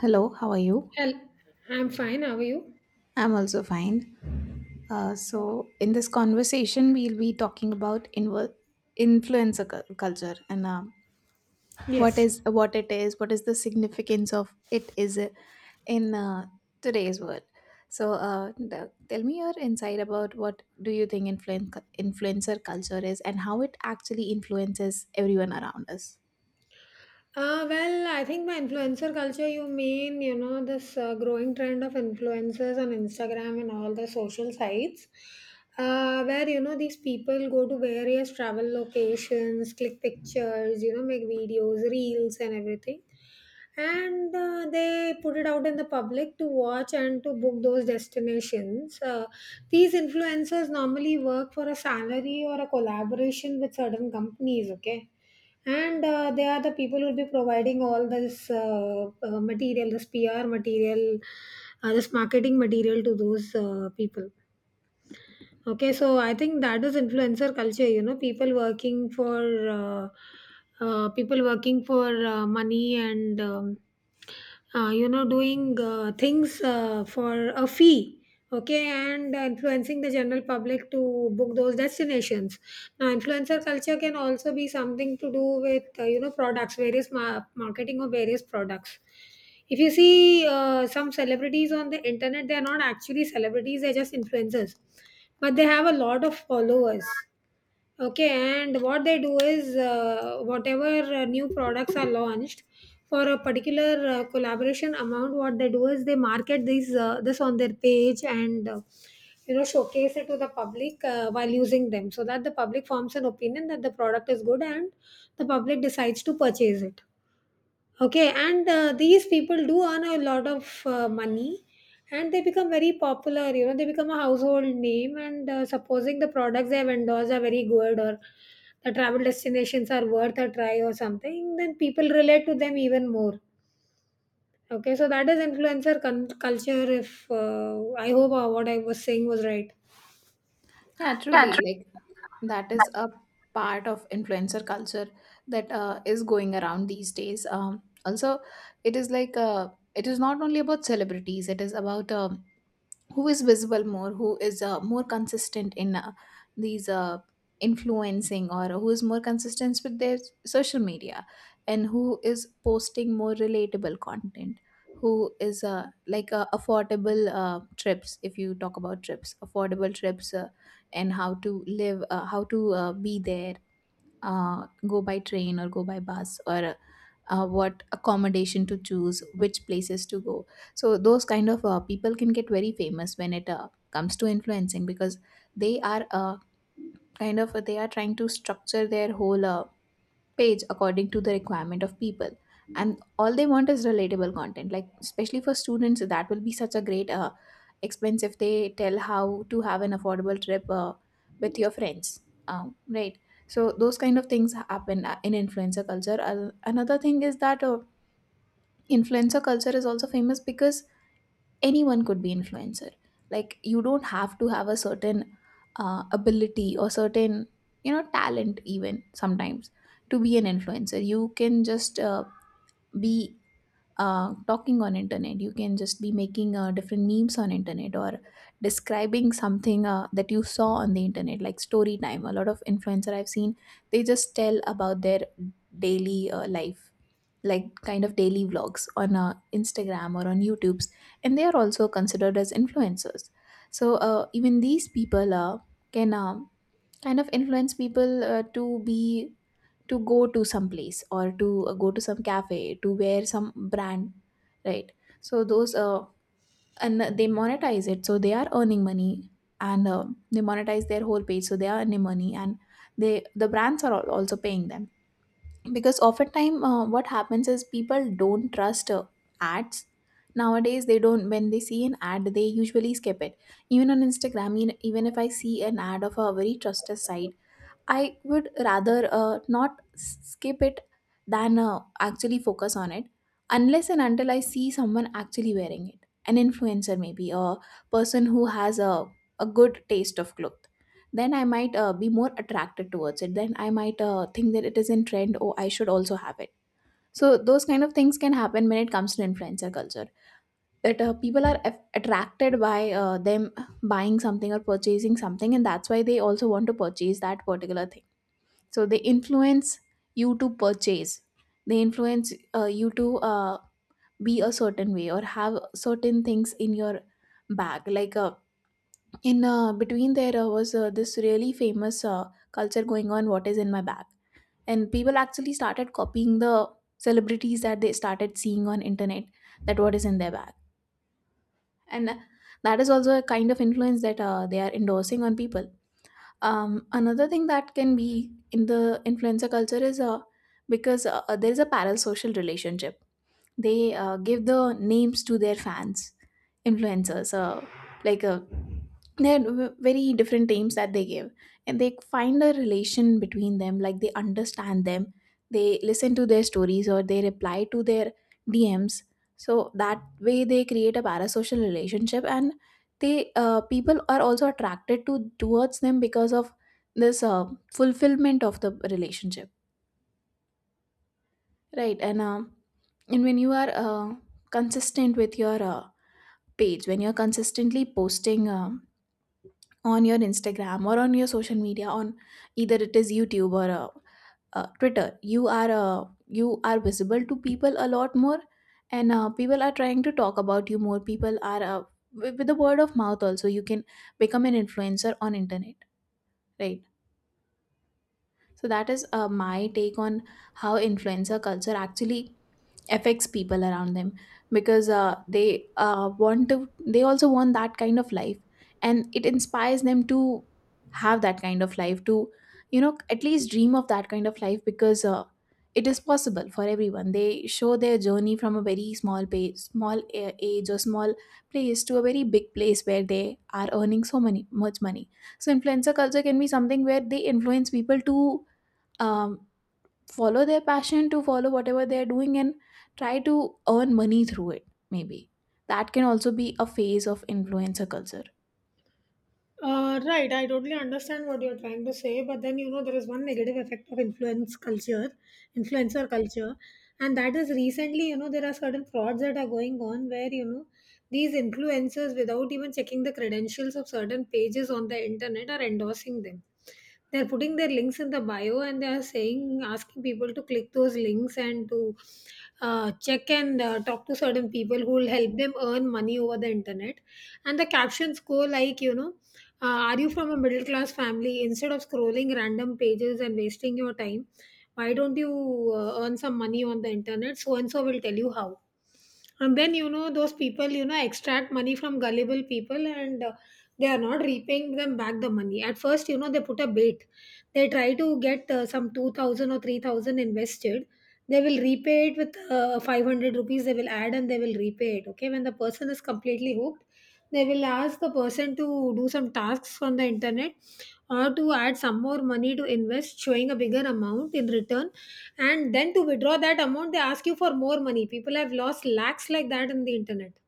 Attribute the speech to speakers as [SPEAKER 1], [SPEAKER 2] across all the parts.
[SPEAKER 1] Hello, how are you?
[SPEAKER 2] Well, I'm fine. How are you?
[SPEAKER 1] I'm also fine.
[SPEAKER 2] Okay.
[SPEAKER 1] In this conversation, we'll be talking about culture and what
[SPEAKER 2] Yes.
[SPEAKER 1] is what it is, what is the significance of it is in today's world. So, tell me your insight about what do you think influencer culture is and how it actually influences everyone around us.
[SPEAKER 2] Well, I think by influencer culture, you mean, you know, this growing trend of influencers on Instagram and all the social sites, where, you know, these people go to various travel locations, click pictures, you know, make videos, reels, and everything. And they put it out in the public to watch and to book those destinations. These influencers normally work for a salary or a collaboration with certain companies, okay? And they are the people who will be providing all this material, this pr material, this marketing material to those people. Okay, so I think that is influencer culture, you know, people working for money, and you know doing things for a fee. Okay, and influencing the general public to book those destinations. Now, influencer culture can also be something to do with you know, products, various marketing of various products. If you see some celebrities on the internet, they're not actually celebrities, they're just influencers. But they have a lot of followers. Okay, and what they do is whatever new products are launched for a particular collaboration amount, what they do is they market these this on their page and you know showcase it to the public while using them, so that the public forms an opinion that the product is good and the public decides to purchase it. Okay, and these people do earn a lot of money and they become very popular. You know, they become a household name. And supposing the products they have endorsed are very good or the travel destinations are worth a try or something, then people relate to them even more. Okay, so that is culture. If I hope what I was saying was right.
[SPEAKER 1] Yeah, truly. Like that is a part of influencer culture that is going around these days. Also, it is it is not only about celebrities. It is about who is visible more, who is more consistent in these influencing, or who is more consistent with their social media, and who is posting more relatable content, who is affordable trips. If you talk about trips, affordable trips, and how to live how to be there, go by train or go by bus, or what accommodation to choose, which places to go. So those kind of people can get very famous when it comes to influencing, because they are they are trying to structure their whole page according to the requirement of people, and all they want is relatable content. Like, especially for students, that will be such a great expense if they tell how to have an affordable trip with your friends. Right, so those kind of things happen in influencer culture. Another thing is that influencer culture is also famous because anyone could be influencer. Like, you don't have to have a certain ability or certain, you know, talent, even sometimes, to be an influencer. You can just be talking on internet. You can just be making different memes on internet, or describing something that you saw on the internet, like story time. A lot of influencer I've seen, they just tell about their daily life, like kind of daily vlogs on Instagram or on YouTube's, and they are also considered as influencers. So even these people can influence people to be, to go to some place, or to go to some cafe, to wear some brand, right? So those and they monetize it, so they are earning money, and they monetize their whole page, so they are earning money, and they, the brands are also paying them, because oftentimes what happens is people don't trust ads nowadays. They don't, when they see an ad they usually skip it. Even on Instagram, even if I see an ad of a very trusted site, I would rather not skip it than actually focus on it, unless and until I see someone actually wearing it. An influencer, maybe, a person who has a good taste of cloth. Then I might be more attracted towards it. Then I might think that it is in trend. Oh, I should also have it. So, those kind of things can happen when it comes to influencer culture. That people are attracted by them buying something or purchasing something, and that's why they also want to purchase that particular thing. So they influence you to purchase, they influence you to be a certain way or have certain things in your bag. Like in between, there was this really famous culture going on, what is in my bag, and people actually started copying the celebrities that they started seeing on internet, that what is in their bag, and that is also a kind of influence that they are endorsing on people. Another thing that can be in the influencer culture is because there is a parasocial relationship. They give the names to their fans, influencers like uh, they're very different names that they give, and they find a relation between them, like they understand them, they listen to their stories or they reply to their dms. So that way they create a parasocial relationship, and they people are also attracted to towards them because of this fulfillment of the relationship, right? And when you are consistent with your page, when you're consistently posting on your Instagram or on your social media, on either it is YouTube or Twitter, you are visible to people a lot more, and people are trying to talk about you more. People are With the word of mouth also, you can become an influencer on internet, right? So that is my take on how influencer culture actually affects people around them, because they want to, they also want that kind of life, and it inspires them to have that kind of life, to, you know, at least dream of that kind of life, because it is possible for everyone. They show their journey from a very small page, small age, or small place to a very big place where they are earning so many much money. So influencer culture can be something where they influence people to um, follow their passion, to follow whatever they're doing and try to earn money through it, maybe. That can also be a phase of influencer culture.
[SPEAKER 2] Right, I totally understand what you're trying to say, but then you know there is one negative effect of influencer culture, and that is recently you know there are certain frauds that are going on where you know these influencers, without even checking the credentials of certain pages on the internet, are endorsing them. They're putting their links in the bio and they are saying, asking people to click those links and to check and talk to certain people who will help them earn money over the internet, and the captions go like, you know, are you from a middle class family? Instead of scrolling random pages and wasting your time, why don't you earn some money on the internet? So and so will tell you how. And then, you know, those people, you know, extract money from gullible people and they are not repaying them back the money. At first, you know, they put a bait. They try to get some 2000 or 3000 invested. They will repay it with 500 rupees, they will add and they will repay it. Okay. When the person is completely hooked, they will ask the person to do some tasks on the internet or to add some more money to invest, showing a bigger amount in return. And then to withdraw that amount, they ask you for more money. People have lost lakhs like that in the internet.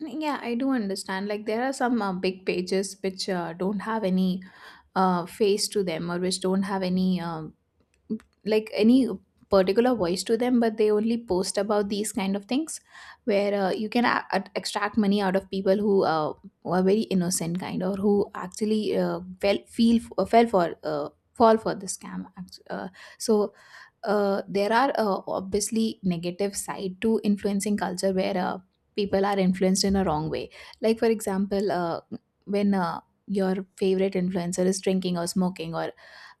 [SPEAKER 1] Yeah, I do understand, like there are some big pages which don't have any face to them, or which don't have any any particular voice to them, but they only post about these kind of things where you can extract money out of people who are very innocent kind, or who actually fell feel fell for fall for the scam. So there are obviously negative side to influencing culture where people are influenced in a wrong way. Like, for example when your favorite influencer is drinking or smoking, or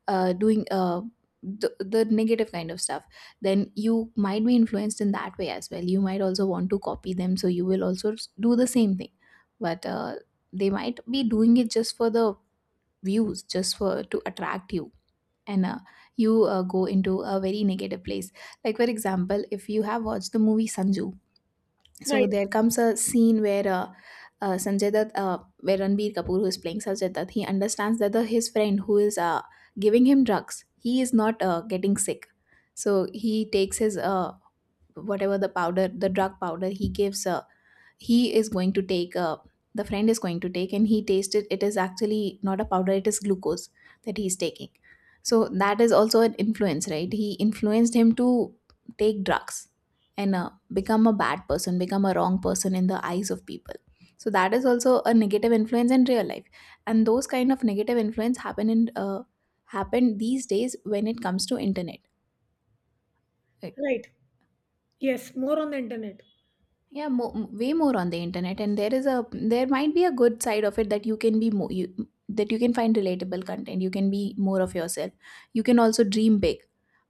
[SPEAKER 1] doing the negative kind of stuff, then you might be influenced in that way as well. You might also want to copy them, so you will also do the same thing. But they might be doing it just for the views, just for to attract you, and you go into a very negative place. Like, for example, if you have watched the movie Sanju, so
[SPEAKER 2] Right,
[SPEAKER 1] there comes a scene where Sanjay Dutt, where Ranbir Kapoor, who is playing Sanjay Dutt, he understands that the, his friend who is giving him drugs, he is not getting sick. So he takes his whatever the powder, the drug powder, he gives he is going to take the friend is going to take, and he tasted it is actually not a powder, it is glucose that he's taking. So that is also an influence, right? He influenced him to take drugs and become a bad person, become a wrong person in the eyes of people. So that is also a negative influence in real life, and those kind of negative influence happen in happen these days when it comes to internet, right?
[SPEAKER 2] right. Yes, more on the internet.
[SPEAKER 1] Yeah, way more on the internet, and there is a, there might be a good side of it, that you can be more you, that you can find relatable content. You can be more of yourself. You can also dream big,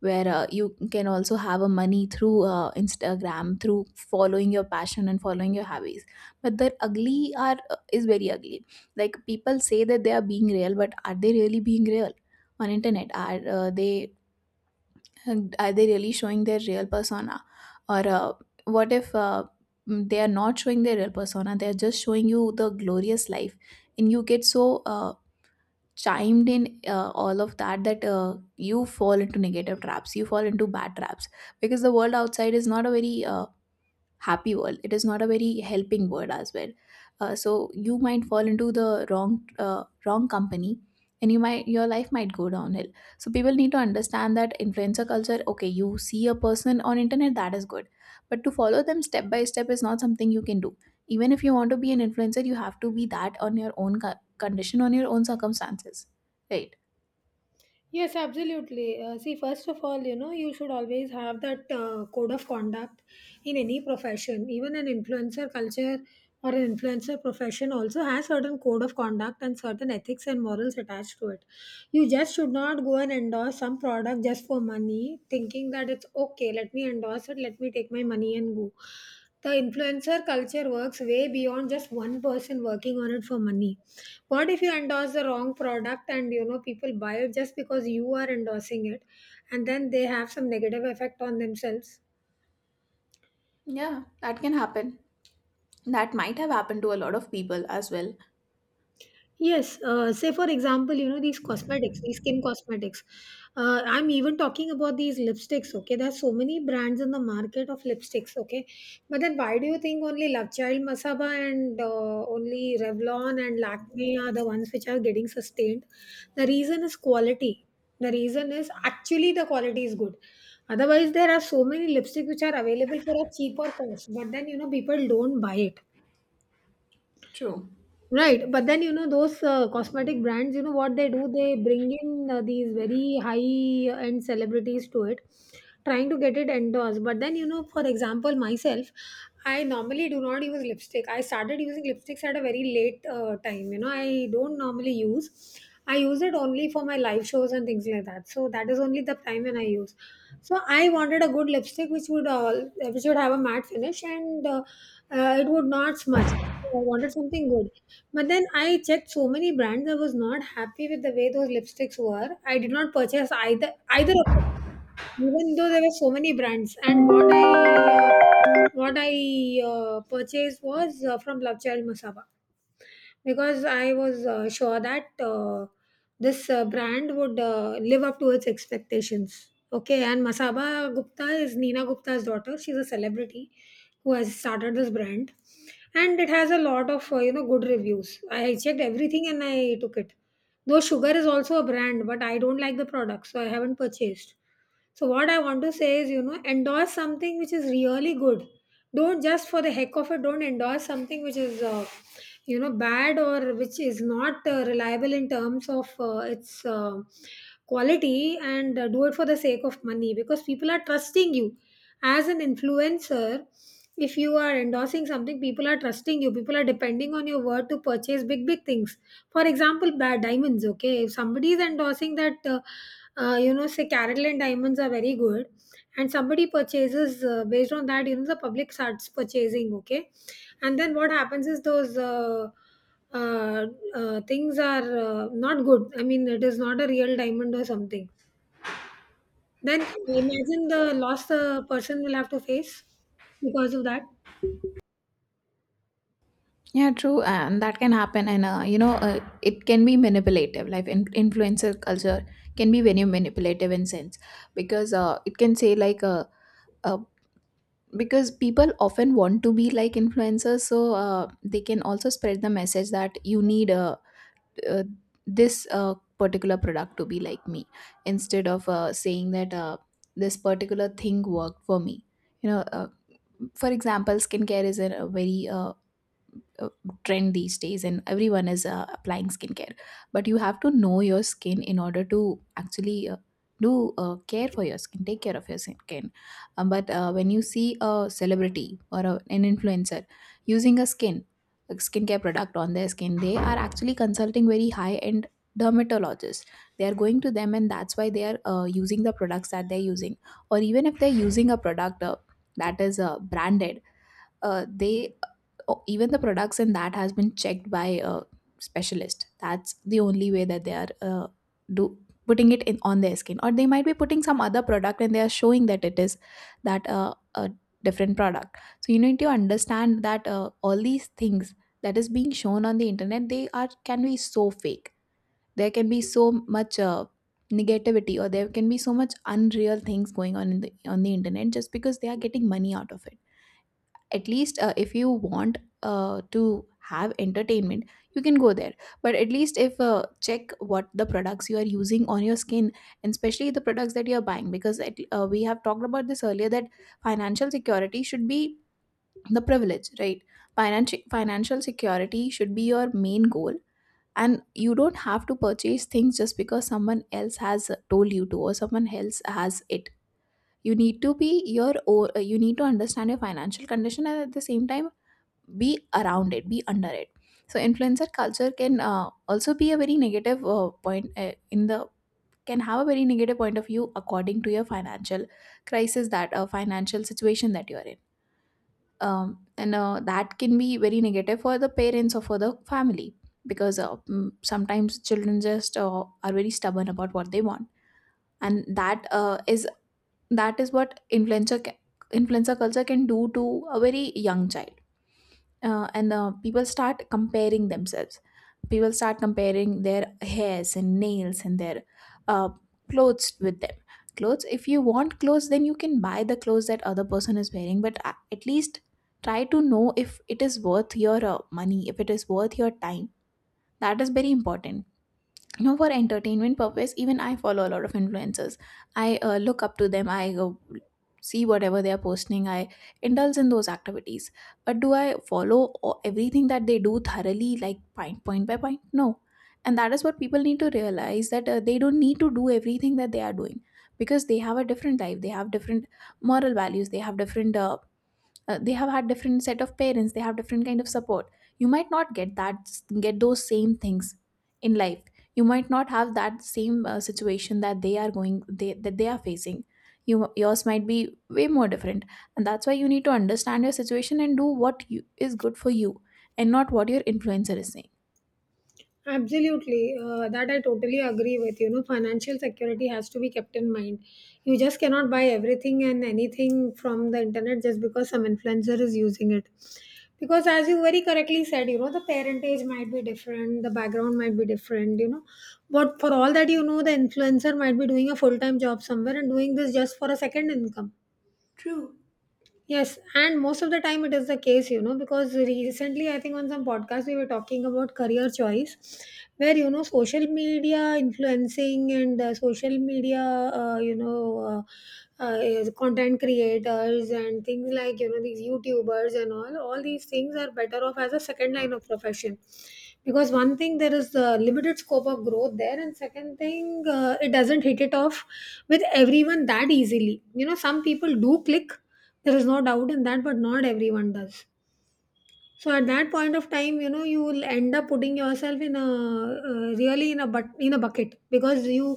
[SPEAKER 1] where you can also have a money through Instagram, through following your passion and following your hobbies. But the ugly are is very ugly. Like, people say that they are being real, but are they really being real on internet? Are they really showing their real persona, or what if they are not showing their real persona, they are just showing you the glorious life, and you get so chimed in all of that, that you fall into negative traps, you fall into bad traps, because the world outside is not a very happy world, it is not a very helping word as well. So you might fall into the wrong, wrong company, and you might, your life might go downhill. So people need to understand that influencer culture, okay, you see a person on internet, that is good, but to follow them step by step is not something you can do. Even if you want to be an influencer, you have to be that on your own condition, on your own circumstances, right?
[SPEAKER 2] Yes, absolutely. See, first of all, you know, you should always have that code of conduct in any profession. Even an influencer culture or an influencer profession also has certain code of conduct and certain ethics and morals attached to it. You just should not go and endorse some product just for money, thinking that it's okay, let me endorse it, let me take my money and go. The influencer culture works way beyond just one person working on it for money. What if you endorse the wrong product and you know people buy it just because you are endorsing it, and then they have some negative effect on themselves?
[SPEAKER 1] Yeah, that can happen, that might have happened to a lot of people as well.
[SPEAKER 2] Yes, say for example, you know, these cosmetics, these skin cosmetics. I'm even talking about these lipsticks, okay? There are so many brands in the market of lipsticks, okay? But then why do you think only Love Child Masaba and only Revlon and Lakme are the ones which are getting sustained? The reason is quality. The reason is actually the quality is good. Otherwise, there are so many lipsticks which are available for a cheaper cost, but then, you know, people don't buy it.
[SPEAKER 1] True.
[SPEAKER 2] Right, but then you know those cosmetic brands, you know what they do? They bring in these very high end celebrities to it, trying to get it endorsed. But then you know, for example, myself, I normally do not use lipstick. I started using lipsticks at a very late time. You know, I don't normally use. I use it only for my live shows and things like that. So that is only the time when I use. So I wanted a good lipstick which would all, which would have a matte finish and it would not smudge. So, I wanted something good, but then I checked so many brands. I was not happy with the way those lipsticks were. I did not purchase either of them, even though there were so many brands. And what I purchased was from Love Child Masaba because I was sure that this brand would live up to its expectations. Okay, and Masaba Gupta is Nina Gupta's daughter. She's a celebrity who has started this brand, and it has a lot of you know good reviews. I checked everything and I took it. Though Sugar is also a brand, but I don't like the product, so I haven't purchased. So what I want to say is, you know, endorse something which is really good. Don't just for the heck of it, don't endorse something which is, you know, bad or which is not reliable in terms of its quality, and do it for the sake of money, because people are trusting you. As an influencer, if you are endorsing something, people are trusting you. People are depending on your word to purchase big, big things. For example, bad diamonds, okay? If somebody is endorsing that you know, say Carolyn diamonds are very good, and somebody purchases based on that, you know, the public starts purchasing, okay? And then what happens is those uh, things are not good, I mean it is not a real diamond or something. Then imagine the loss the person will have to face because of that.
[SPEAKER 1] Yeah, true, and that can happen, and you know, it can be manipulative. Like influencer culture can be very manipulative in sense because it can say uh, because people often want to be like influencers, so they can also spread the message that you need uh, this particular product to be like me instead of saying that this particular thing worked for me. You know, uh, for example, skincare is a very uh, trend these days and everyone is applying skincare, but you have to know your skin in order to actually do care for your skin, take care of your skin. But when you see a celebrity or an influencer using a skincare product on their skin, they are actually consulting very high end dermatologists. They are going to them, and that's why they are using the products that they're using. Or even if they're using a product that is branded, they, oh, even the products in that has been checked by a specialist. That's the only way that they are do putting it in on their skin, or they might be putting some other product and they are showing that it is that a different product. So you need to understand that all these things that is being shown on the internet, they are can be so fake. There can be so much negativity, or there can be so much unreal things going on in on the internet just because they are getting money out of it. At least if you want to have entertainment, you can go there, but at least if check what the products you are using on your skin, and especially the products that you are buying, because we have talked about this earlier, that financial security should be the privilege, right? Financial security should be your main goal, and you don't have to purchase things just because someone else has told you to, or someone else has it. You need to be your you need to understand your financial condition, and at the same time be around it, be under it. So influencer culture can also be a very negative point in the can have a very negative point of view according to your financial situation that you are in. And that can be very negative for the parents or for the family, because sometimes children just are very stubborn about what they want, and that is what influencer culture can do to a very young child. And people start comparing themselves. People start comparing their hairs and nails and their uh, clothes with them. Clothes, if you want clothes, then you can buy the clothes that other person is wearing, but at least try to know if it is worth your money, if it is worth your time. That is very important. You know, for entertainment purpose, even I follow a lot of influencers. I look up to them, I go see whatever they are posting, I indulge in those activities. But do I follow everything that they do thoroughly, like point by point? No. And that is what people need to realize, that they don't need to do everything that they are doing, because they have a different life, they have different moral values, they have different they have had different set of parents, they have different kind of support. You might not get that get those same things in life. You might not have that same situation that they are facing. You yours might be way more different. And that's why you need to understand your situation and do what is good for you, and not what your influencer is saying.
[SPEAKER 2] Absolutely, that I totally agree with. You know, financial security has to be kept in mind. You just cannot buy everything and anything from the internet just because some influencer is using it. Because, as you very correctly said, you know, the parentage might be different, the background might be different, you know. But for all that, you know, the influencer might be doing a full time job somewhere and doing this just for a second income. Yes, and most of the time it is the case, you know, because recently I think on some podcast we were talking about career choice, where you know social media influencing and social media, is content creators and things like you know these YouTubers and all. All these things are better off as a second line of profession, because one thing, there is limited scope of growth there, and second thing, it doesn't hit it off with everyone that easily. You know, some people do click, there is no doubt in that, but not everyone does. So at that point of time, you know, you will end up putting yourself in a really in a bucket, because you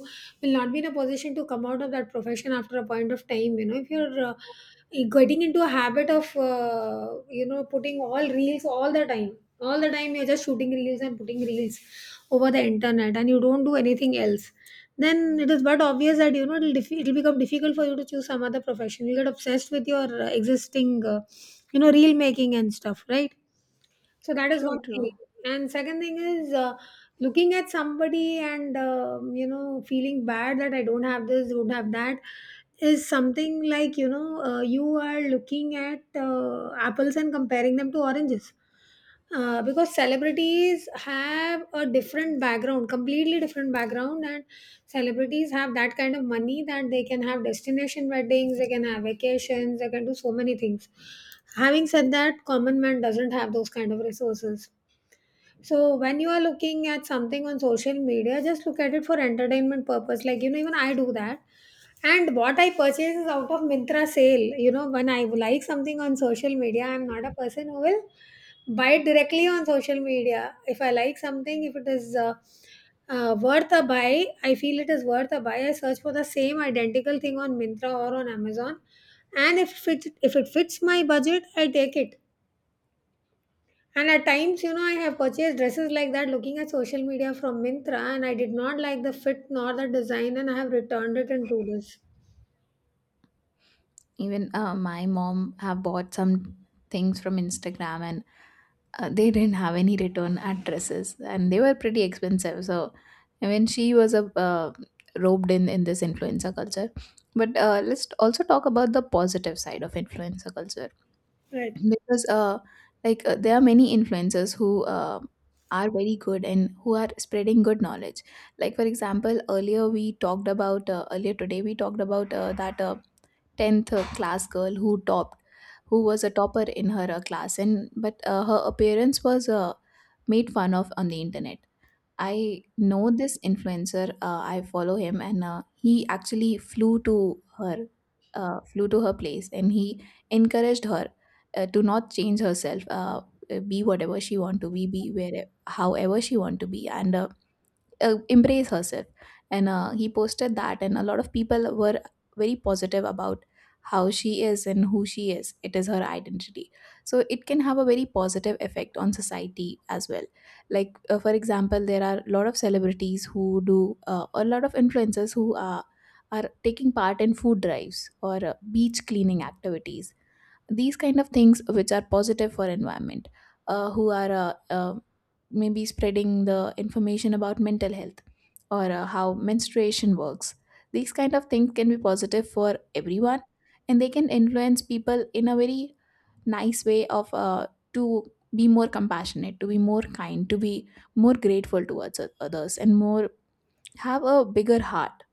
[SPEAKER 2] will not be in a position to come out of that profession after a point of time. You know, if you're getting into a habit of you know putting all reels all the time, all the time you're just shooting reels and putting reels over the internet, and you don't do anything else, then it is but obvious that, you know, it'll become difficult for you to choose some other profession. You get obsessed with your existing, you know, reel making and stuff, right? So that is one
[SPEAKER 1] True,
[SPEAKER 2] thing.
[SPEAKER 1] true.
[SPEAKER 2] And second thing is looking at somebody and you know feeling bad that I don't have this, don't have that, is something like you know you are looking at apples and comparing them to oranges. Because celebrities have a different background, completely different background, and celebrities have that kind of money that they can have destination weddings, they can have vacations, they can do so many things. Having said that, common man doesn't have those kind of resources. So when you are looking at something on social media, just look at it for entertainment purpose. Like you know, even I do that. And what I purchase is out of Mintra sale. You know, when I like something on social media, I'm not a person who will buy it directly on social media. If I like something, if it is worth a buy, I feel it is worth a buy. I search for the same identical thing on Mintra or on Amazon, and if it fits my budget, I take it. And at times, you know, I have purchased dresses like that looking at social media from Mintra, and I did not like the fit nor the design, and I have returned it in 2 days.
[SPEAKER 1] Even my mom have bought some things from Instagram, and they didn't have any return addresses and they were pretty expensive. So when she was a robed in this influencer culture. But let's also talk about the positive side of influencer culture,
[SPEAKER 2] Right.
[SPEAKER 1] because there are many influencers who are very good and who are spreading good knowledge. Like for example, earlier we talked about earlier today we talked about that tenth class girl who topped, who was a topper in her class, and but her appearance was made fun of on the internet. I know this influencer. I follow him, and he actually her, flew to her place, and he encouraged her to not change herself. Be whatever she want to be where however she want to be, and embrace herself. And he posted that, and a lot of people were very positive about how she is and who she is. It is her identity. So it can have a very positive effect on society as well. Like for example, there are a lot of influencers who are taking part in food drives or beach cleaning activities, these kind of things which are positive for environment. Who are maybe spreading the information about mental health, or how menstruation works. These kind of things can be positive for everyone, and they can influence people in a very nice way of to be more compassionate, to be more kind, to be more grateful towards others, and more have a bigger heart.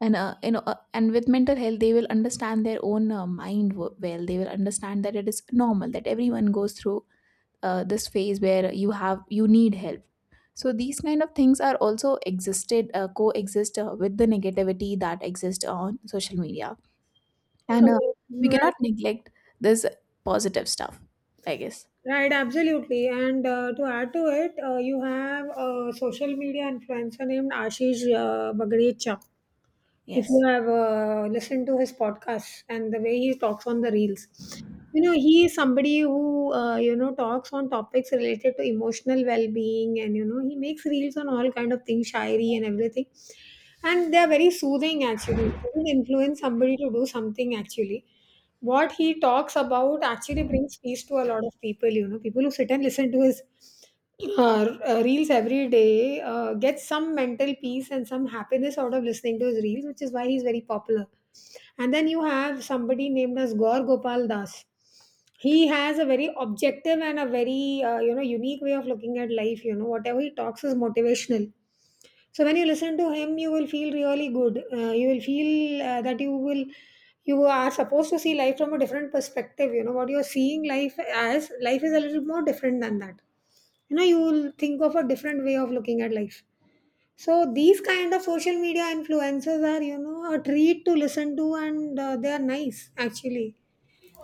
[SPEAKER 1] And you know, and with mental health they will understand their own mind well. They will understand that it is normal, that everyone goes through this phase where you need help. So these kind of things are also existed coexist with the negativity that exists on social media. And
[SPEAKER 2] Uh,
[SPEAKER 1] We
[SPEAKER 2] right.
[SPEAKER 1] cannot neglect this positive stuff, I guess.
[SPEAKER 2] Right. Absolutely. And to add to it, you have a social media influencer named Ashish Bagrecha. If you
[SPEAKER 1] Yes.
[SPEAKER 2] have listened to his podcast and the way he talks on the reels, you know he is somebody who you know talks on topics related to emotional well-being, and you know he makes reels on all kind of things, shayari and everything, and they are very soothing actually. It will influence somebody to do something actually. What he talks about actually brings peace to a lot of people, you know, people who sit and listen to his reels every day get some mental peace and some happiness out of listening to his reels, which is why he's very popular. And then you have somebody named as Gaur Gopal Das. He has a very objective and a very you know unique way of looking at life, you know whatever he talks is motivational. So when you listen to him, you will feel really good. You will feel that you are supposed to see life from a different perspective. You know, what you're seeing life as, life is a little more different than that. You know you will think of a different way of looking at life. So these kind of social media influencers are, you know, a treat to listen to, and they are nice actually.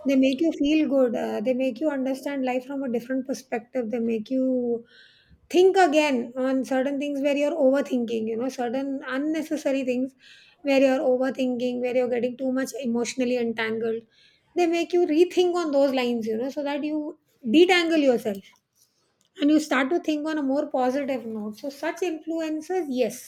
[SPEAKER 2] They make you feel good. They make you understand life from a different perspective. They make you think again on certain things where you're overthinking, you know, certain unnecessary things where you're overthinking, where you're getting too much emotionally entangled. They make you rethink on those lines, you know, so that you detangle yourself and you start to think on a more positive note. So such influencers, yes,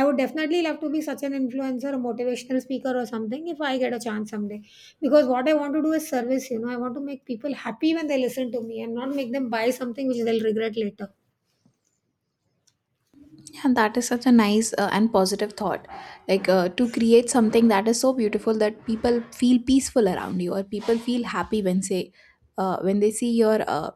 [SPEAKER 2] I would definitely love to be such an influencer, a motivational speaker or something, if I get a chance someday. Because what I want to do is service, you know, I want to make people happy when they listen to me and not make them buy something which they'll regret later.
[SPEAKER 1] Yeah, that is such a nice and positive thought. Like to create something that is so beautiful that people feel peaceful around you, or people feel happy when say when they see your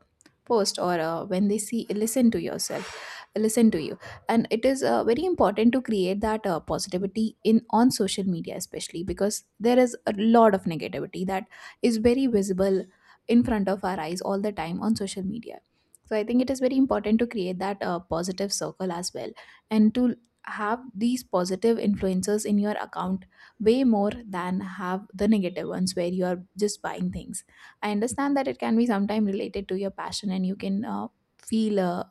[SPEAKER 1] post, or when they see listen to yourself, listen to you. And it is very important to create that positivity in on social media, especially because there is a lot of negativity that is very visible in front of our eyes all the time on social media. So I think it is very important to create that positive circle as well, and to have these positive influencers in your account, way more than have the negative ones where you are just buying things. I understand that it can be sometime related to your passion, and you can feel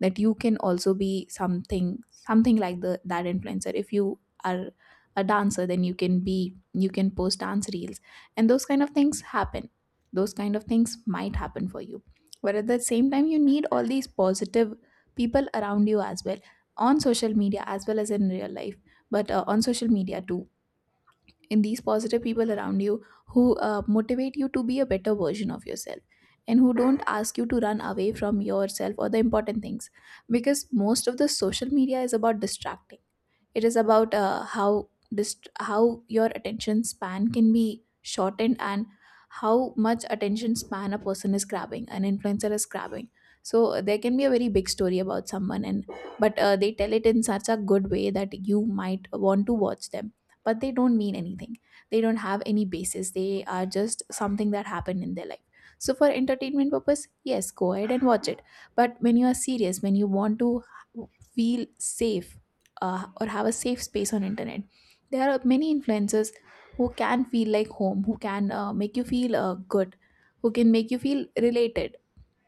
[SPEAKER 1] that you can also be something like the that influencer. If you are a dancer, then you can post dance reels, and those kind of things happen, those kind of things might happen for you. But at the same time, you need all these positive people around you as well, on social media as well as in real life, but on social media too. In these positive people around you who motivate you to be a better version of yourself, and who don't ask you to run away from yourself or the important things. Because most of the social media is about distracting. It is about how your attention span can be shortened, and how much attention span a person is grabbing an influencer is grabbing. So there can be a very big story about someone, and but they tell it in such a good way that you might want to watch them, but they don't mean anything. They don't have any basis. They are just something that happened in their life. So for entertainment purpose, yes, go ahead and watch it. But when you are serious, when you want to feel safe, or have a safe space on internet, there are many influencers who can feel like home, who can make you feel good, who can make you feel related,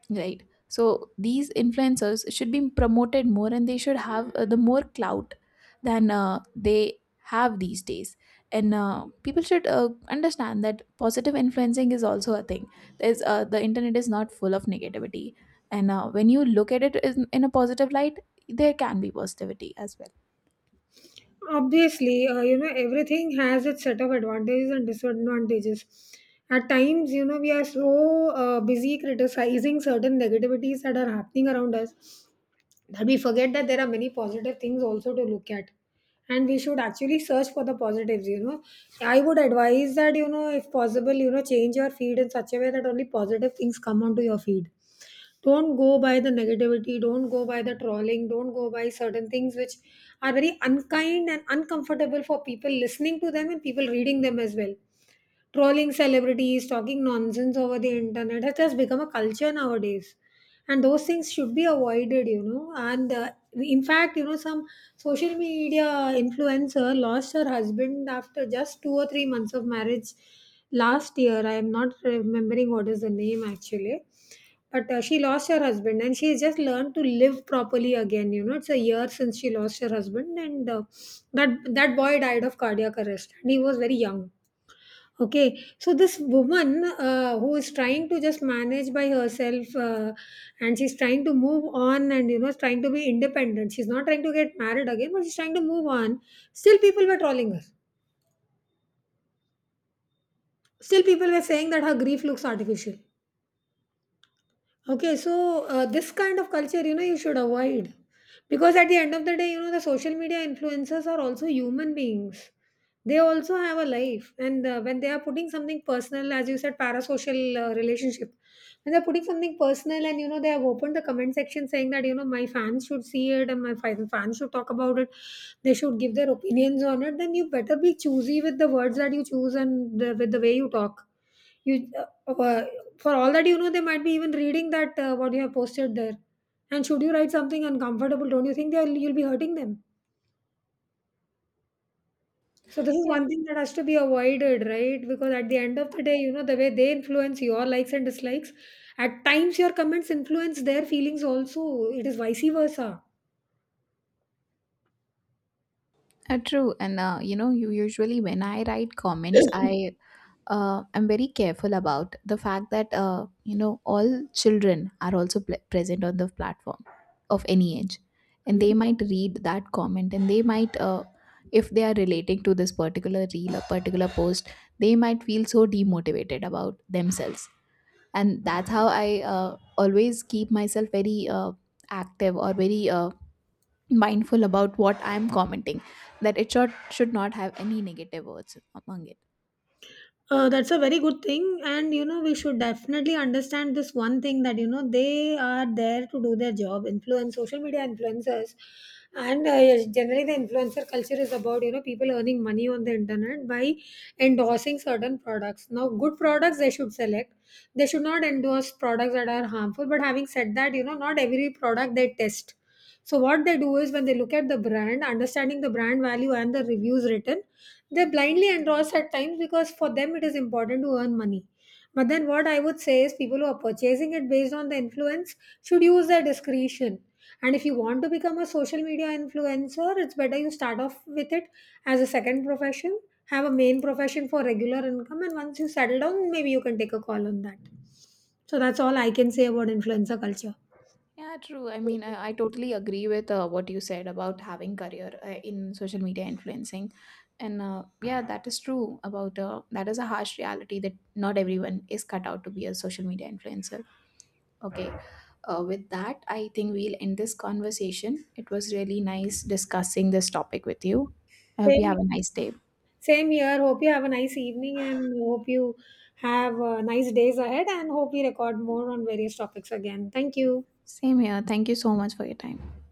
[SPEAKER 1] right? So these influencers should be promoted more, and they should have the more clout than they have these days. And people should understand that positive influencing is also a thing. The internet is not full of negativity, and when you look at it in a positive light, there can be positivity as well.
[SPEAKER 2] Obviously, you know, everything has its set of advantages and disadvantages. At times, you know, we are so busy criticizing certain negativities that are happening around us that we forget that there are many positive things also to look at. And we should actually search for the positives, you know. I would advise that, you know, if possible, you know, change your feed in such a way that only positive things come onto your feed. Don't go by the negativity, don't go by the trolling, don't go by certain things which are very unkind and uncomfortable for people listening to them and people reading them as well. Trolling celebrities, talking nonsense over the internet, it has become a culture nowadays. And those things should be avoided, you know. And in fact, you know, some social media influencer lost her husband after just 2 or 3 months of marriage last year. I am not remembering what is the name actually, but she lost her husband and she just learned to live properly again, you know, it's a year since she lost her husband, and that boy died of cardiac arrest and he was very young. Okay, so this woman who is trying to just manage by herself, and she's trying to move on, and you know, is trying to be independent. She's not trying to get married again, but she's trying to move on. Still, people were trolling her. Still, people were saying that her grief looks artificial. Okay, so this kind of culture, you know, you should avoid, because at the end of the day, you know, the social media influencers are also human beings. They also have a life, and when they are putting something personal, as you said, parasocial relationship, when they're putting something personal, and you know, they have opened the comment section saying that you know my fans should see it and my fans should talk about it, they should give their opinions on it. Then you better be choosy with the words that you choose and the, with the way you talk. You uh, uh, for all that, you know, they might be even reading that what you have posted there. And should you write something uncomfortable, don't you think they'll you'll be hurting them? So this is one thing that has to be avoided, right? Because at the end of the day, you know, the way they influence your likes and dislikes, at times your comments influence their feelings also. It is vice versa.
[SPEAKER 1] True, and you know, you usually when I write comments, I am very careful about the fact that you know all children are also present on the platform, of any age, and they might read that comment, and if they are relating to this particular reel or particular post, they might feel so demotivated about themselves. And that's how I always keep myself very active or very mindful about what I'm commenting, that it should not have any negative words among it.
[SPEAKER 2] That's a very good thing, and you know we should definitely understand this one thing that you know they are there to do their job, influence social media influencers, and yes, generally the influencer culture is about, you know, people earning money on the internet by endorsing certain products. Now, good products they should select. They should not endorse products that are harmful. But having said that, you know, not every product they test. So what they do is when they look at the brand, understanding the brand value and the reviews written, they blindly endorse at times because for them it is important to earn money. But then what I would say is people who are purchasing it based on the influence should use their discretion. And if you want to become a social media influencer, it's better you start off with it as a second profession, have a main profession for regular income, and once you settle down, maybe you can take a call on that. So that's all I can say about influencer culture.
[SPEAKER 1] Yeah, true. I mean, I totally agree with what you said about having career in social media influencing. And yeah, that is true about that is a harsh reality that not everyone is cut out to be a social media influencer. Okay. With that, I think we'll end this conversation. It was really nice discussing this topic with you. I hope you
[SPEAKER 2] Same.
[SPEAKER 1] have a nice day.
[SPEAKER 2] Same here. Hope you have a nice evening and hope you have nice days ahead and hope we record more on various topics again. Thank you.
[SPEAKER 1] Same here. Thank you so much for your time.